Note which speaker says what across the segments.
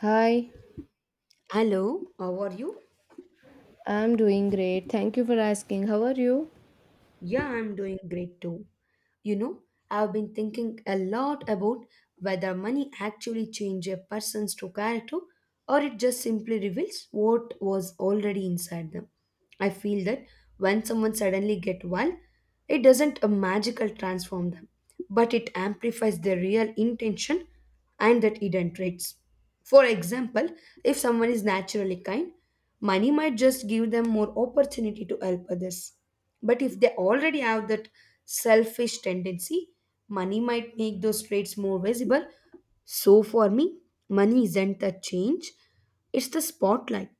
Speaker 1: Hi,
Speaker 2: Hello, how are you?
Speaker 1: I'm doing great. Thank you for asking. How are you?
Speaker 2: Yeah, I'm doing great too. You know, I've been thinking a lot about whether money actually changes a person's true character or it just simply reveals what was already inside them. I feel that when someone suddenly get well, it doesn't a magical transform them, but it amplifies their real intention and that hidden traits. For example, if someone is naturally kind, money might just give them more opportunity to help others. But if they already have that selfish tendency, money might make those traits more visible. So for me, money isn't the change, it's the spotlight.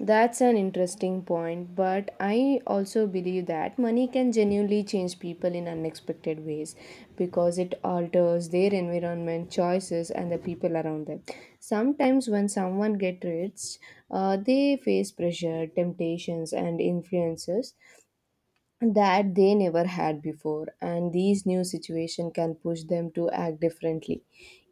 Speaker 1: That's an interesting point, but I also believe that money can genuinely change people in unexpected ways because it alters their environment, choices, and the people around them. Sometimes, when someone gets rich, they face pressure, temptations, and influences that they never had before, and these new situation can push them to act differently.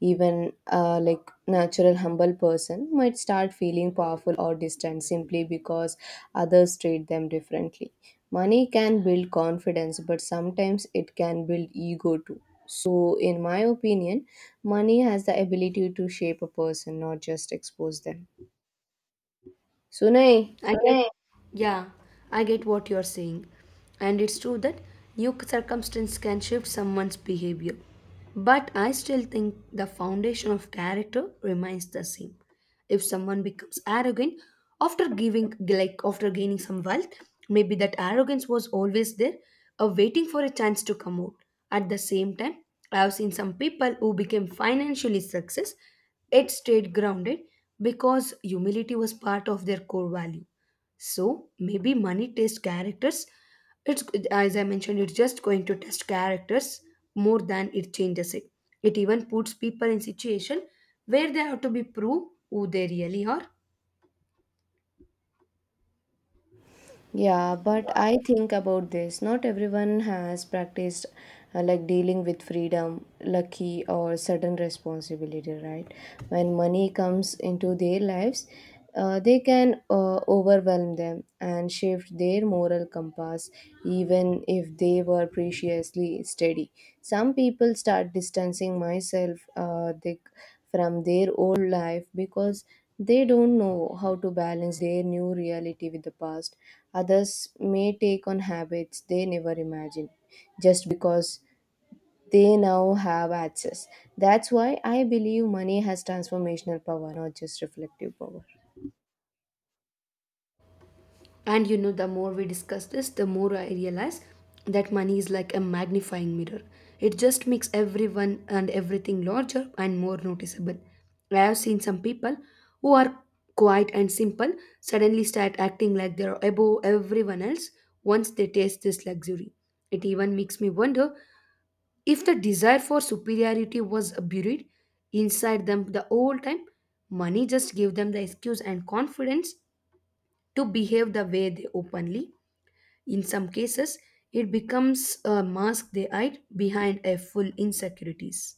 Speaker 1: Even natural humble person might start feeling powerful or distant simply because others treat them differently. Money can build confidence, but sometimes it can build ego too. So in my opinion, money has the ability to shape a person, not just expose them. Sunay.
Speaker 2: I get, correct. Yeah, I get what you're saying. And it's true that new circumstance can shift someone's behavior. But I still think the foundation of character remains the same. If someone becomes arrogant after giving, like after gaining some wealth, maybe that arrogance was always there, waiting for a chance to come out. At the same time, I have seen some people who became financially success, it stayed grounded because humility was part of their core value, so maybe money tests characters. It's as I mentioned, it's just going to test characters more than it changes it. It even puts people in situation where they have to be prove who they really are.
Speaker 1: Yeah, but I think about this. Not everyone has practiced dealing with freedom, lucky, or sudden responsibility, right? When money comes into their lives, they can overwhelm them and shift their moral compass, even if they were preciously steady. Some people start distancing myself. They from their old life because they don't know how to balance their new reality with the past. Others may take on habits they never imagined just because they now have access. That's why I believe money has transformational power, not just reflective power.
Speaker 2: And you know, the more we discuss this, the more I realize that money is like a magnifying mirror. It just makes everyone and everything larger and more noticeable. I have seen some people who are quiet and simple suddenly start acting like they're above everyone else once they taste this luxury. It even makes me wonder if the desire for superiority was buried inside them the whole time. Money just gave them the excuse and confidence to behave the way they openly in some cases, it becomes a mask they hide behind a full insecurities.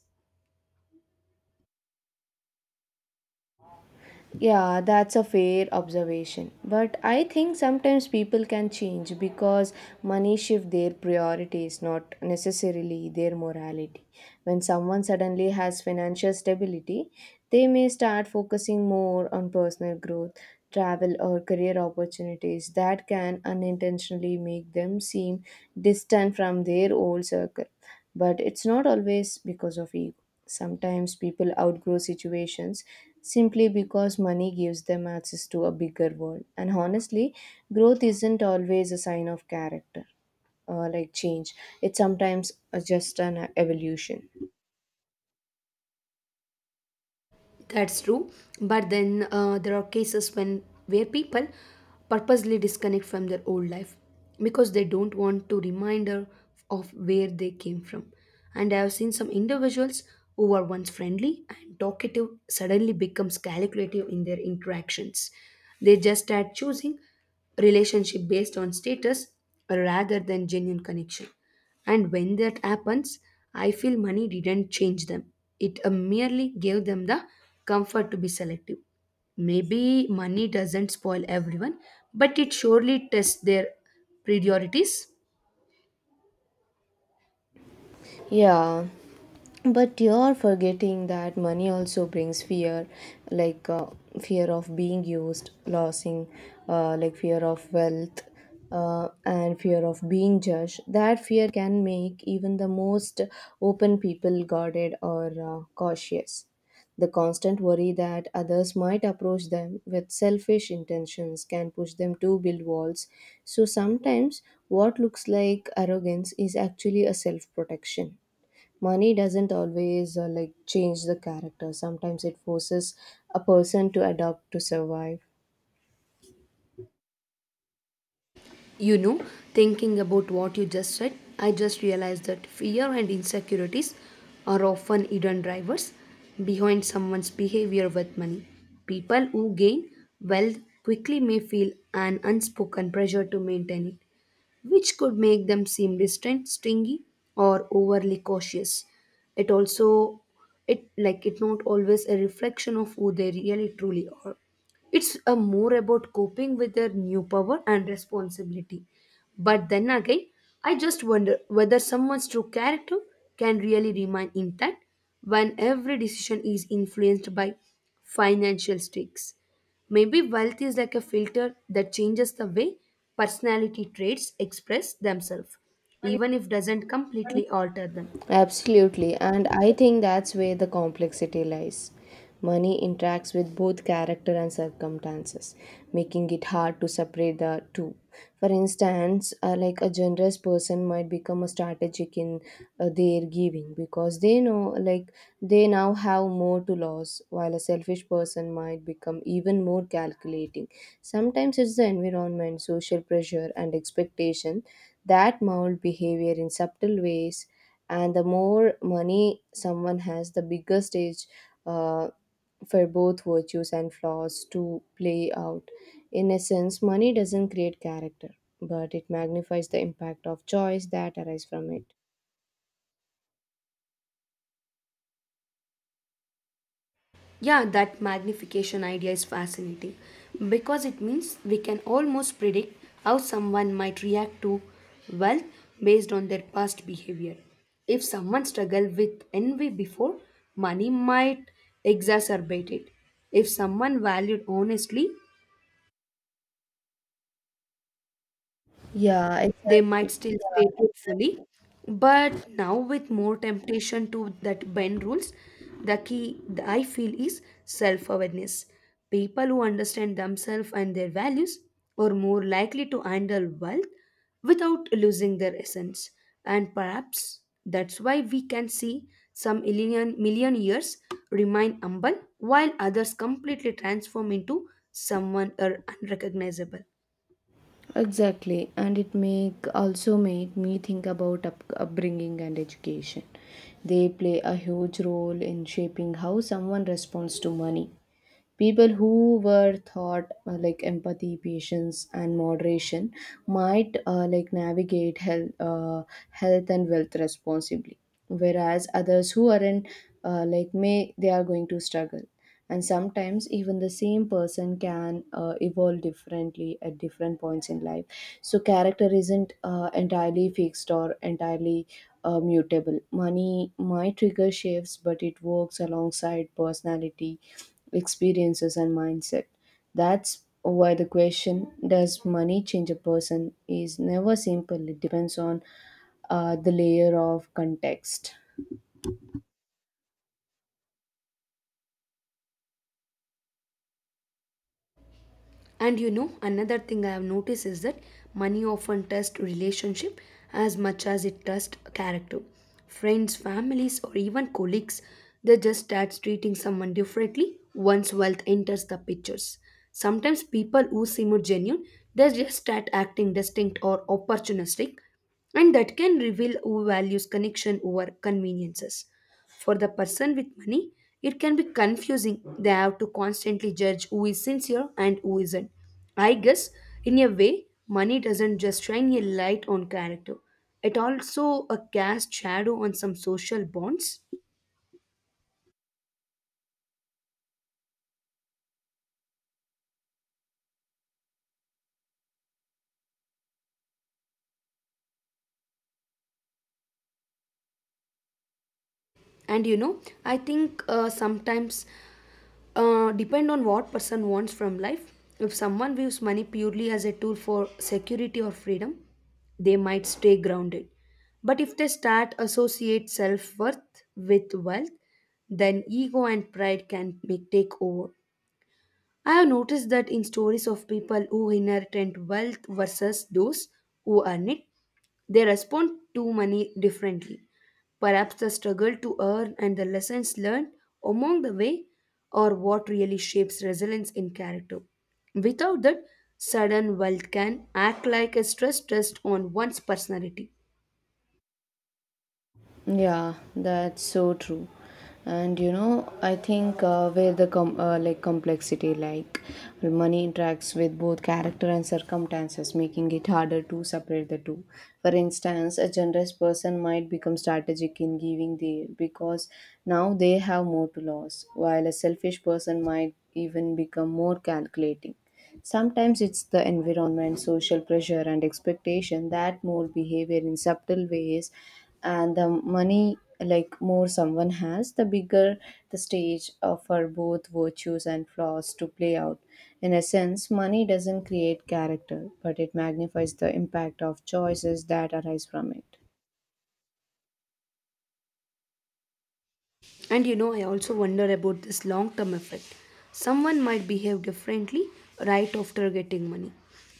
Speaker 1: Yeah, that's a fair observation. But I think sometimes people can change because money shift their priorities, not necessarily their morality. When someone suddenly has financial stability, they may start focusing more on personal growth, travel, or career opportunities that can unintentionally make them seem distant from their old circle. But it's not always because of ego. Sometimes people outgrow situations simply because money gives them access to a bigger world. And honestly, growth isn't always a sign of character or like change, it's sometimes just an evolution.
Speaker 2: That's true, but then there are cases when where people purposely disconnect from their old life because they don't want to reminder of where they came from. And I have seen some individuals who were once friendly and talkative suddenly becomes calculative in their interactions. They just start choosing relationship based on status rather than genuine connection. And when that happens, I feel money didn't change them. It merely gave them the comfort to be selective. Maybe money doesn't spoil everyone, but it surely tests their priorities.
Speaker 1: Yeah, but you're forgetting that money also brings fear, like fear of being used, losing, fear of wealth, and fear of being judged. That fear can make even the most open people guarded or cautious. The constant worry that others might approach them with selfish intentions can push them to build walls. So sometimes what looks like arrogance is actually a self protection. Money doesn't always change the character, sometimes it forces a person to adapt, to survive.
Speaker 2: You know, thinking about what you just said, I just realized that fear and insecurities are often hidden drivers behind someone's behavior with money. People who gain wealth quickly may feel an unspoken pressure to maintain it, which could make them seem distant, stingy, or overly cautious. It also it like it not always a reflection of who they really truly are, it's a more about coping with their new power and responsibility. But then again, I just wonder whether someone's true character can really remain intact when every decision is influenced by financial stakes. Maybe wealth is like a filter that changes the way personality traits express themselves, even if doesn't completely alter them.
Speaker 1: Absolutely, and I think that's where the complexity lies. Money interacts with both character and circumstances, making it hard to separate the two. For instance, a generous person might become a strategic in their giving because they know, like, they now have more to lose, while a selfish person might become even more calculating. Sometimes it's the environment, social pressure, and expectation that mold behavior in subtle ways, and the more money someone has, the bigger stage uh, for both virtues and flaws to play out. In a sense, money doesn't create character, but it magnifies the impact of choice that arise from it.
Speaker 2: Yeah, that magnification idea is fascinating because it means we can almost predict how someone might react to wealth based on their past behavior. If someone struggled with envy before, money might exacerbate it. If someone valued honestly,
Speaker 1: Yeah,
Speaker 2: they might
Speaker 1: exactly.
Speaker 2: still stay truthfully. But now, with more temptation to that bend rules, the key that I feel is self awareness. People who understand themselves and their values are more likely to handle wealth without losing their essence. And perhaps that's why we can see some million years remain humble while others completely transform into someone or unrecognizable.
Speaker 1: Exactly, and it make also made me think about upbringing and education. They play a huge role in shaping how someone responds to money. People who were taught empathy, patience, and moderation might navigate health, health and wealth responsibly, whereas others who aren't may they are going to struggle. And sometimes even the same person can evolve differently at different points in life. So character isn't entirely fixed or entirely mutable. Money might trigger shifts, but it works alongside personality, experiences, and mindset. That's why the question, does money change a person, is never simple. It depends on the layer of context.
Speaker 2: And you know, another thing I have noticed is that money often tests relationship as much as it tests character. Friends, families, or even colleagues, they just start treating someone differently once wealth enters the pictures. Sometimes people who seem genuine, they just start acting distinct or opportunistic, and that can reveal who values connection over conveniences. For the person with money, it can be confusing. They have to constantly judge who is sincere and who isn't. I guess, in a way, money doesn't just shine a light on character, it also a cast shadow on some social bonds. And you know, I think sometimes depend on what person wants from life. If someone views money purely as a tool for security or freedom, they might stay grounded. But if they start associate self-worth with wealth, then ego and pride can make take over. I have noticed that in stories of people who inherit wealth versus those who earn it, they respond to money differently. Perhaps the struggle to earn and the lessons learned along the way are what really shapes resilience in character. Without that, sudden wealth can act like a stress test on one's personality.
Speaker 1: Yeah, that's so true. And you know, I think where the complexity, like money interacts with both character and circumstances, making it harder to separate the two. For instance, a generous person might become strategic in giving there because now they have more to lose, while a selfish person might even become more calculating. Sometimes it's the environment, social pressure, and expectation that mold behavior in subtle ways. And the money, like more someone has, the bigger the stage for both virtues and flaws to play out. In a sense, money doesn't create character, but it magnifies the impact of choices that arise from it.
Speaker 2: And you know, I also wonder about this long term effect. Someone might behave differently right after getting money,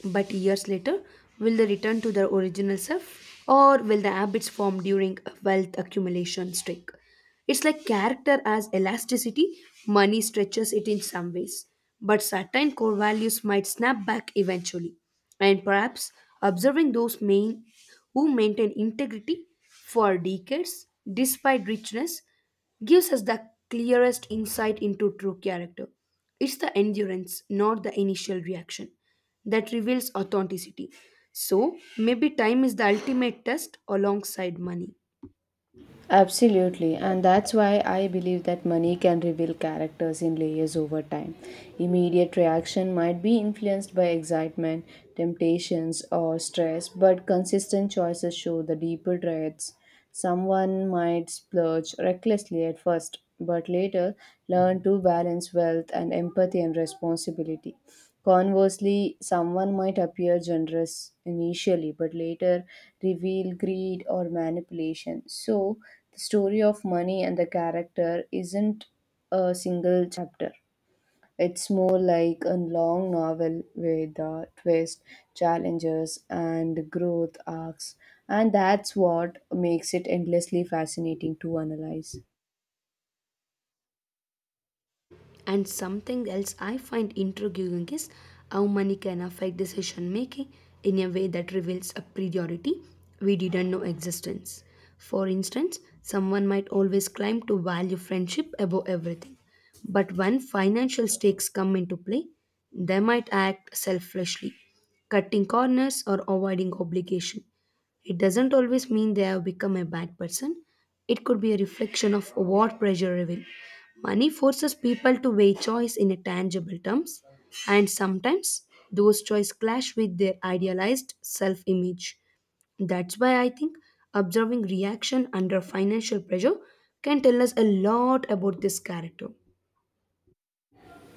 Speaker 2: but years later, will they return to their original self or will the habits formed during a wealth accumulation streak? It's like character as elasticity, money stretches it in some ways, but certain core values might snap back eventually. And perhaps observing those main who maintain integrity for decades despite richness gives us the clearest insight into true character. It's the endurance, not the initial reaction, that reveals authenticity. So, maybe time is the ultimate test alongside money.
Speaker 1: Absolutely, and that's why I believe that money can reveal characters in layers over time. Immediate reaction might be influenced by excitement, temptations, or stress, but consistent choices show the deeper traits. Someone might splurge recklessly at first, but later learn to balance wealth and empathy and responsibility. Conversely, someone might appear generous initially but later reveal greed or manipulation. So the story of money and the character isn't a single chapter. It's more like a long novel with twists, challenges, and growth arcs, and that's what makes it endlessly fascinating to analyze.
Speaker 2: And something else I find intriguing is how money can affect decision making in a way that reveals a priority we didn't know existence. For instance, someone might always claim to value friendship above everything, but when financial stakes come into play, they might act selfishly, cutting corners or avoiding obligation. It doesn't always mean they have become a bad person. It could be a reflection of what pressure reveal. Money forces people to weigh choice in a tangible terms, and sometimes those choices clash with their idealized self-image. That's why I think observing reaction under financial pressure can tell us a lot about this character.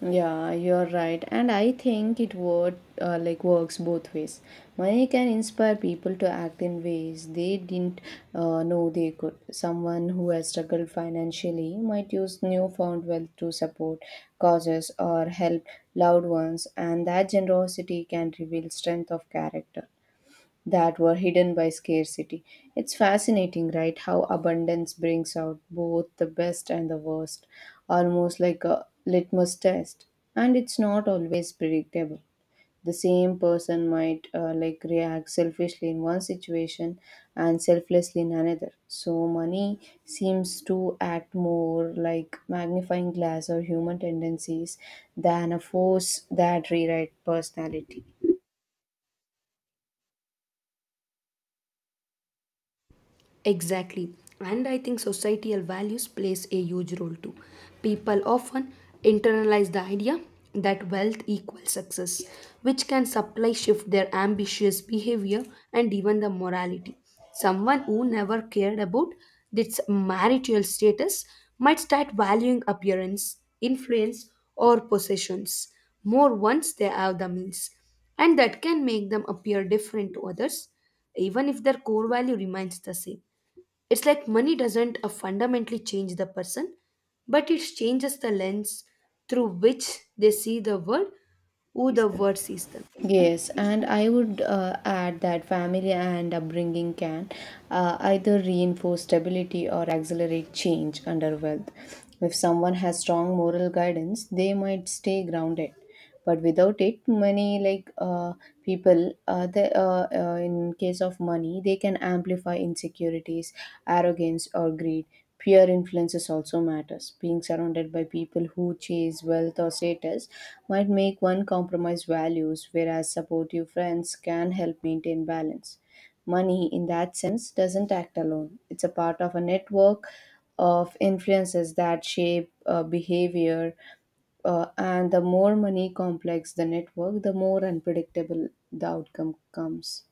Speaker 1: Yeah, you're right, and I think it would works both ways. Money can inspire people to act in ways they didn't know they could. Someone who has struggled financially might use newfound wealth to support causes or help loved ones, and that generosity can reveal strength of character that were hidden by scarcity. It's fascinating, right? How abundance brings out both the best and the worst, almost like a litmus test. And it's not always predictable. The same person might react selfishly in one situation and selflessly in another. So money seems to act more like magnifying glass or human tendencies than a force that rewrite personality.
Speaker 2: Exactly. And I think societal values plays a huge role too. People often internalize the idea that wealth equals success, which can supply shift their ambitious behavior and even the morality. Someone who never cared about its marital status might start valuing appearance, influence, or possessions more once they have the means. And that can make them appear different to others even if their core value remains the same. It's like money doesn't fundamentally change the person, but it changes the lens through which they see the world, who the world sees them.
Speaker 1: Yes, and I would add that family and upbringing can either reinforce stability or accelerate change under wealth. If someone has strong moral guidance, they might stay grounded. But without it, many people, in case of money, they can amplify insecurities, arrogance, or greed. Peer influences also matters. Being surrounded by people who chase wealth or status might make one compromise values, whereas supportive friends can help maintain balance. Money, in that sense, doesn't act alone. It's a part of a network of influences that shape behavior, and the more money complex the network, the more unpredictable the outcome comes.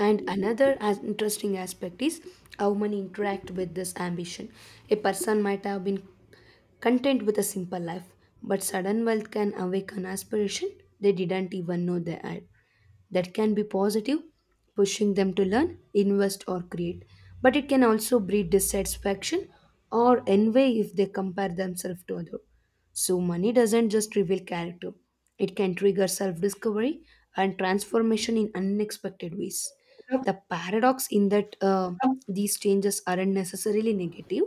Speaker 2: And another as interesting aspect is how money interact with this ambition. A person might have been content with a simple life, but sudden wealth can awaken aspiration they didn't even know they had. That can be positive, pushing them to learn, invest, or create. But it can also breed dissatisfaction or envy if they compare themselves to others. So, money doesn't just reveal character, it can trigger self discovery and transformation in unexpected ways. The paradox in that these changes aren't necessarily negative,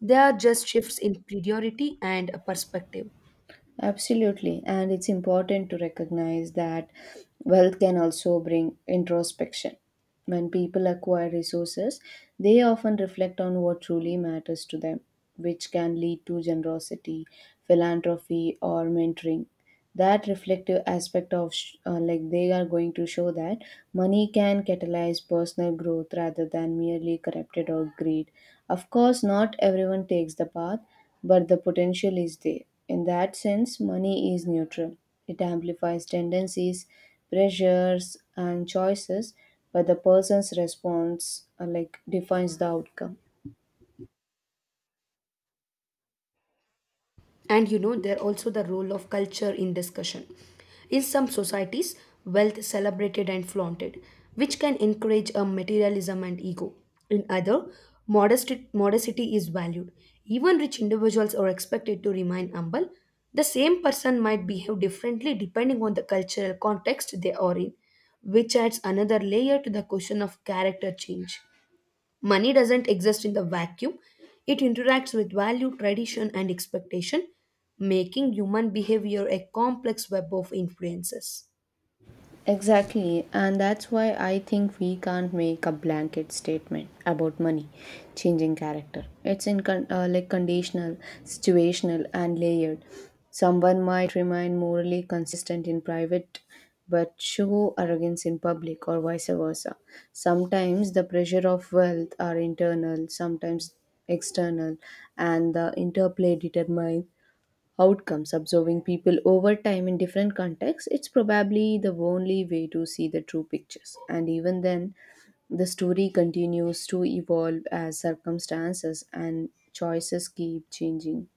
Speaker 2: they are just shifts in priority and a perspective.
Speaker 1: Absolutely. And it's important to recognize that wealth can also bring introspection. When people acquire resources, they often reflect on what truly matters to them, which can lead to generosity, philanthropy, or mentoring. That reflective aspect of they are going to show that money can catalyze personal growth rather than merely corrupted or greed. Of course not everyone takes the path, but the potential is there. In that sense, money is neutral. It amplifies tendencies, pressures, and choices, but the person's response defines the outcome.
Speaker 2: And you know there also the role of culture in discussion in some societies wealth is celebrated and flaunted which can encourage a materialism and ego in other modesty is valued, even rich individuals are expected to remain humble. The same person might behave differently depending on the cultural context they are in, which adds another layer to the question of character change. Money doesn't exist in the vacuum, it interacts with value, tradition, and expectation, making human behavior a complex web of influences.
Speaker 1: Exactly, and that's why I think we can't make a blanket statement about money changing character. It's in con- like conditional, situational, and layered. Someone might remain morally consistent in private but show arrogance in public, or vice versa. Sometimes the pressure of wealth are internal, sometimes external, and the interplay determines outcomes. Observing people over time in different contexts, it's probably the only way to see the true pictures. And even then, the story continues to evolve as circumstances and choices keep changing.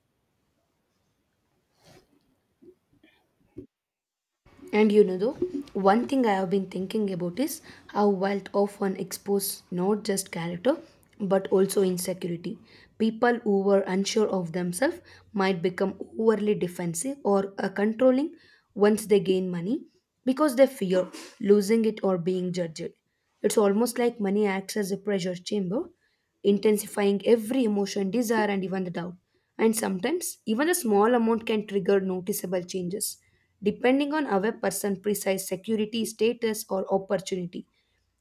Speaker 2: And you know, though, one thing I have been thinking about is how wealth often exposes not just character but also insecurity. People who were unsure of themselves might become overly defensive or controlling once they gain money because they fear losing it or being judged. It's almost like money acts as a pressure chamber intensifying every emotion, desire, and even the doubt. And sometimes, even a small amount can trigger noticeable changes, depending on our person' precise security, status, or opportunity.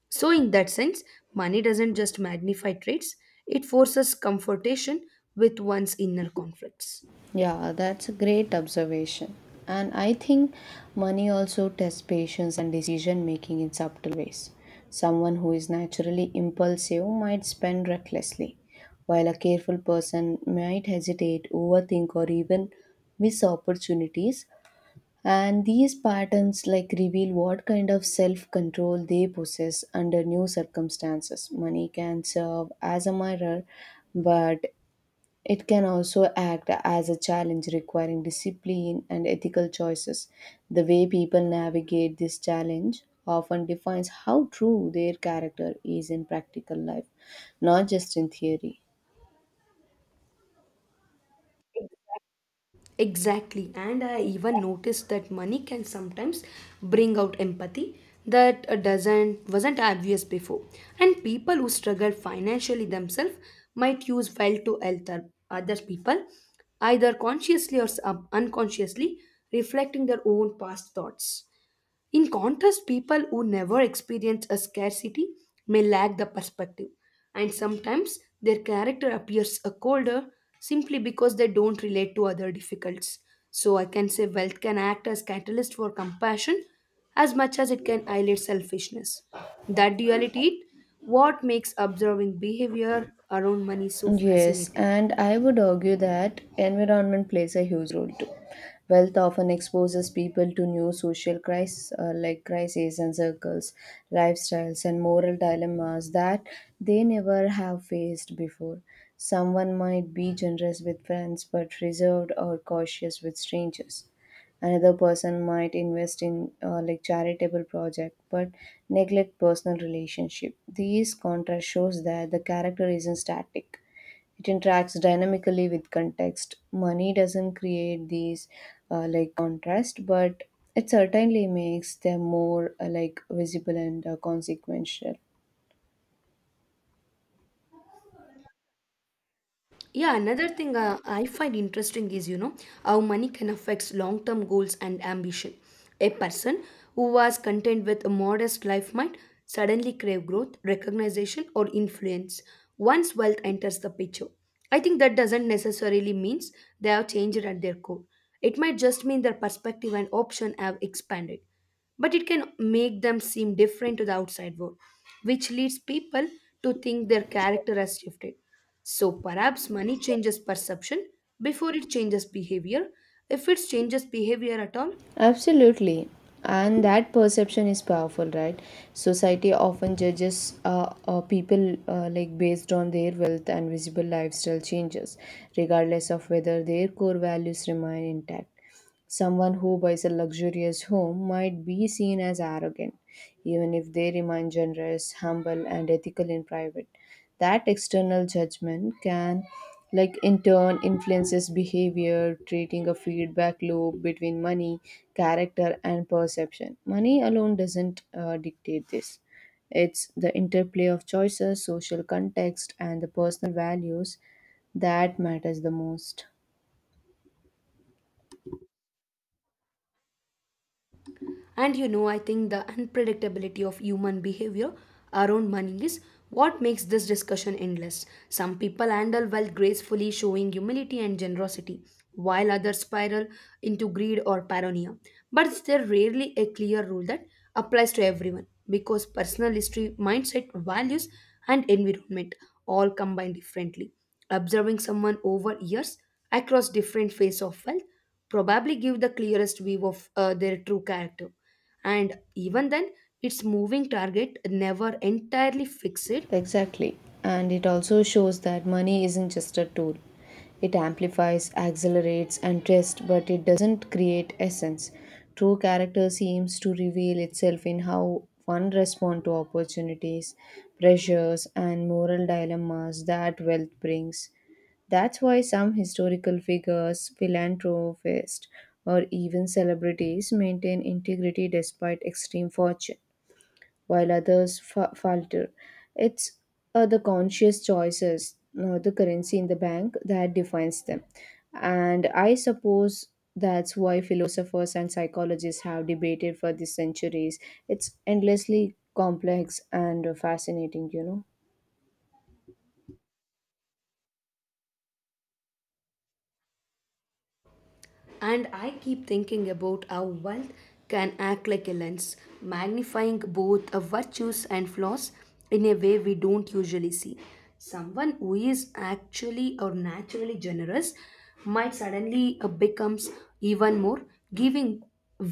Speaker 2: So, in that sense, money doesn't just magnify traits, it forces confrontation with one's inner conflicts.
Speaker 1: Yeah, that's a great observation. And I think money also tests patience and decision making in subtle ways. Someone who is naturally impulsive might spend recklessly, while a careful person might hesitate, overthink, or even miss opportunities. And these patterns like reveal what kind of self control they possess under new circumstances. Money can serve as a mirror, but it can also act as a challenge requiring discipline and ethical choices. The way people navigate this challenge often defines how true their character is in practical life, not just in theory.
Speaker 2: Exactly. And I even noticed that money can sometimes bring out empathy that doesn't wasn't obvious before. And people who struggle financially themselves might use wealth to help other people, either consciously or unconsciously, reflecting their own past thoughts. In contrast, people who never experience a scarcity may lack the perspective, and sometimes their character appears a colder simply because they don't relate to other difficulties. So I can say wealth can act as catalyst for compassion as much as it can highlight selfishness. That duality is what makes observing behavior around money so
Speaker 1: Yes,
Speaker 2: fascinating.
Speaker 1: and I would argue that environment plays a huge role too. Wealth often exposes people to new social crises, crises and circles, lifestyles, and moral dilemmas that they never have faced before. Someone might be generous with friends but reserved or cautious with strangers. Another person might invest in charitable project but neglect personal relationship. These contrast shows that the character isn't static, it interacts dynamically with context. Money doesn't create these contrast, but it certainly makes them more like visible and consequential.
Speaker 2: Yeah, another thing I find interesting is, you know, how money can affect long-term goals and ambition. A person who was content with a modest life might suddenly crave growth, recognition, or influence once wealth enters the picture. I think that doesn't necessarily means they have changed at their core. It might just mean their perspective and option have expanded, but it can make them seem different to the outside world, which leads people to think their character has shifted. So perhaps money changes perception before it changes behavior, if it changes behavior at all.
Speaker 1: Absolutely. And that perception is powerful, right? Society often judges people based on their wealth and visible lifestyle changes, regardless of whether their core values remain intact. Someone who buys a luxurious home might be seen as arrogant, even if they remain generous, humble, and ethical in private. That external judgment can like in turn influences behavior, creating a feedback loop between money, character, and perception. Money alone doesn't dictate this, it's the interplay of choices, social context, and the personal values that matters the most.
Speaker 2: And you know, I think the unpredictability of human behavior around money is what makes this discussion endless. Some people handle wealth gracefully, showing humility and generosity, while others spiral into greed or paranoia. But there's rarely a clear rule that applies to everyone, because personal history, mindset, values, and environment all combine differently. Observing someone over years across different phases of wealth probably give the clearest view of their true character. And even then, its moving target never entirely fixed.
Speaker 1: Exactly. And it also shows that money isn't just a tool. It amplifies, accelerates, and tests, but it doesn't create essence. True character seems to reveal itself in how one responds to opportunities, pressures, and moral dilemmas that wealth brings. That's why some historical figures, philanthropists, or even celebrities maintain integrity despite extreme fortune while others falter. It's the conscious choices, not the currency in the bank, that defines them. And I suppose that's why philosophers and psychologists have debated for the centuries. It's endlessly complex and fascinating, you know.
Speaker 2: And I keep thinking about how wealth can act like a lens, magnifying both our virtues and flaws in a way we don't usually see. Someone who is actually or naturally generous might suddenly becomes even more giving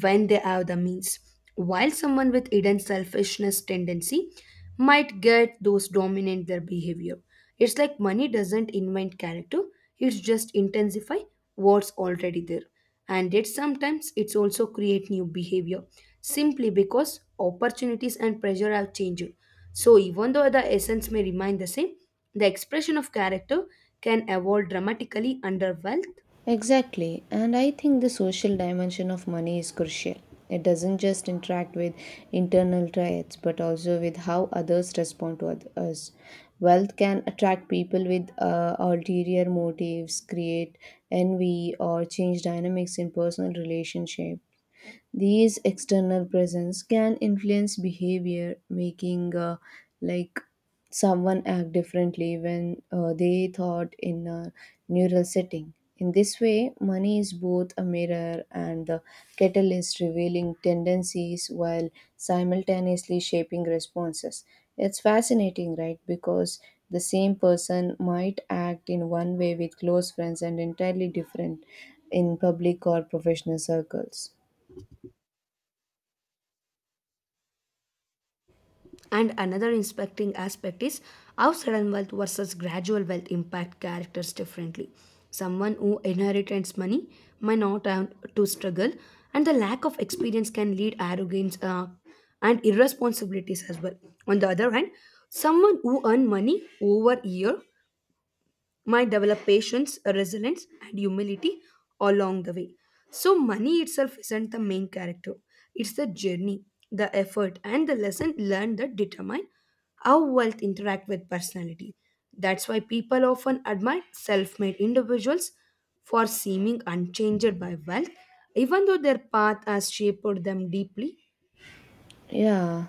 Speaker 2: when they have the means, while someone with hidden selfishness tendency might get those dominant their behavior. It's like money doesn't invent character, it just intensify what's already there. And yet sometimes it's also create new behavior simply because opportunities and pressure have changed. So even though the essence may remain the same, the expression of character can evolve dramatically under wealth.
Speaker 1: Exactly, and I think the social dimension of money is crucial. It doesn't just interact with internal traits but also with how others respond to us. Wealth can attract people with ulterior motives, create envy, or change dynamics in personal relationship. These external presence can influence behavior, making like someone act differently when they thought in a neural setting. In this way, money is both a mirror and the catalyst, revealing tendencies while simultaneously shaping responses. It's fascinating, right? Because the same person might act in one way with close friends and entirely different in public or professional circles.
Speaker 2: And another inspecting aspect is how sudden wealth versus gradual wealth impact characters differently. Someone who inherits money may not have to struggle, and the lack of experience can lead arrogance and irresponsibilities as well. On the other hand, someone who earned money over year might develop patience, resilience, and humility along the way. So, money itself isn't the main character, it's the journey, the effort, and the lesson learned that determine how wealth interact with personality. That's why people often admire self-made individuals for seeming unchanged by wealth, even though their path has shaped them deeply.
Speaker 1: Yeah,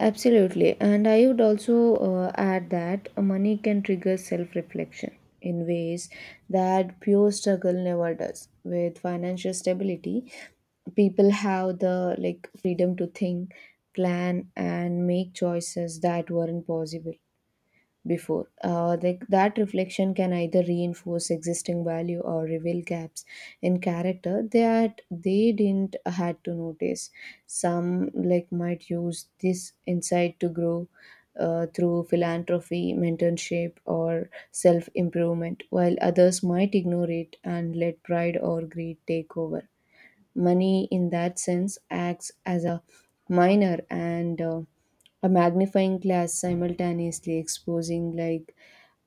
Speaker 1: absolutely. And I would also add that money can trigger self reflection in ways that pure struggle never does. With financial stability, people have the like freedom to think, plan, and make choices that weren't possible before. That reflection can either reinforce existing value or reveal gaps in character that they didn't had to notice. Some like might use this insight to grow through philanthropy, mentorship, or self improvement, while others might ignore it and let pride or greed take over. Money, in that sense, acts as a minor and a magnifying glass, simultaneously exposing like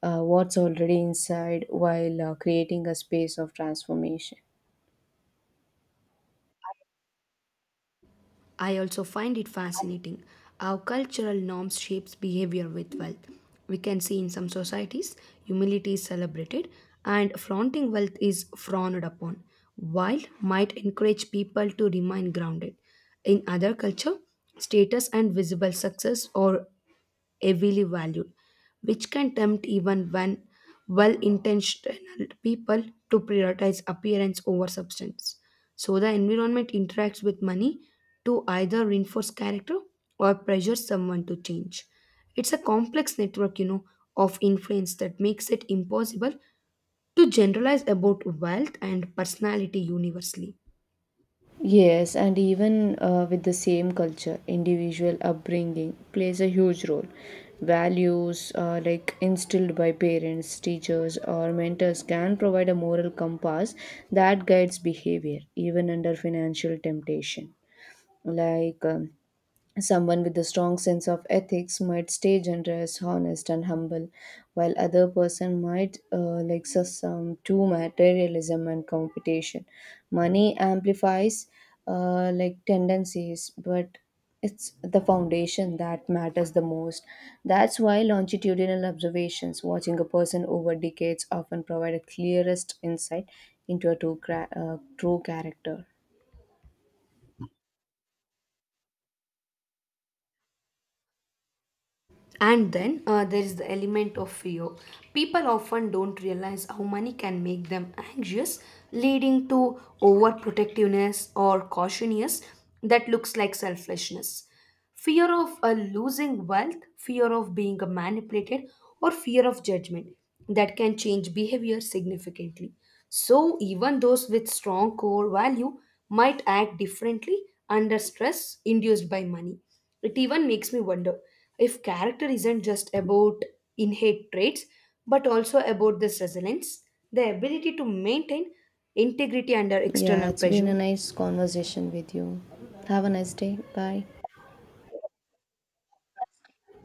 Speaker 1: what's already inside while creating a space of transformation.
Speaker 2: I also find it fascinating how cultural norms shapes behavior with wealth. We can see in some societies humility is celebrated and flaunting wealth is frowned upon, while might encourage people to remain grounded. In other culture, status and visible success are heavily valued, which can tempt even when well intentioned people to prioritize appearance over substance. So the environment interacts with money to either reinforce character or pressure someone to change. It's a complex network, you know, of influence that makes it impossible to generalize about wealth and personality universally.
Speaker 1: Yes, and even with the same culture, individual upbringing plays a huge role. Values instilled by parents, teachers, or mentors can provide a moral compass that guides behavior, even under financial temptation. like um, Someone with a strong sense of ethics might stay generous, honest, and humble, while other person might succumb to materialism and competition. Money amplifies tendencies, but it's the foundation that matters the most. That's why longitudinal observations, watching a person over decades, often provide a clearest insight into a true, true character.
Speaker 2: And then there is the element of fear. People often don't realize how money can make them anxious, leading to overprotectiveness or cautiousness that looks like selfishness. Fear of losing wealth, fear of being manipulated, or fear of judgment that can change behavior significantly. So, even those with strong core value might act differently under stress induced by money. It even makes me wonder if character isn't just about innate traits but also about this resilience, the ability to maintain integrity under
Speaker 1: Yeah,
Speaker 2: external
Speaker 1: it's been
Speaker 2: pressure.
Speaker 1: a nice conversation with you. Have a nice day. Bye.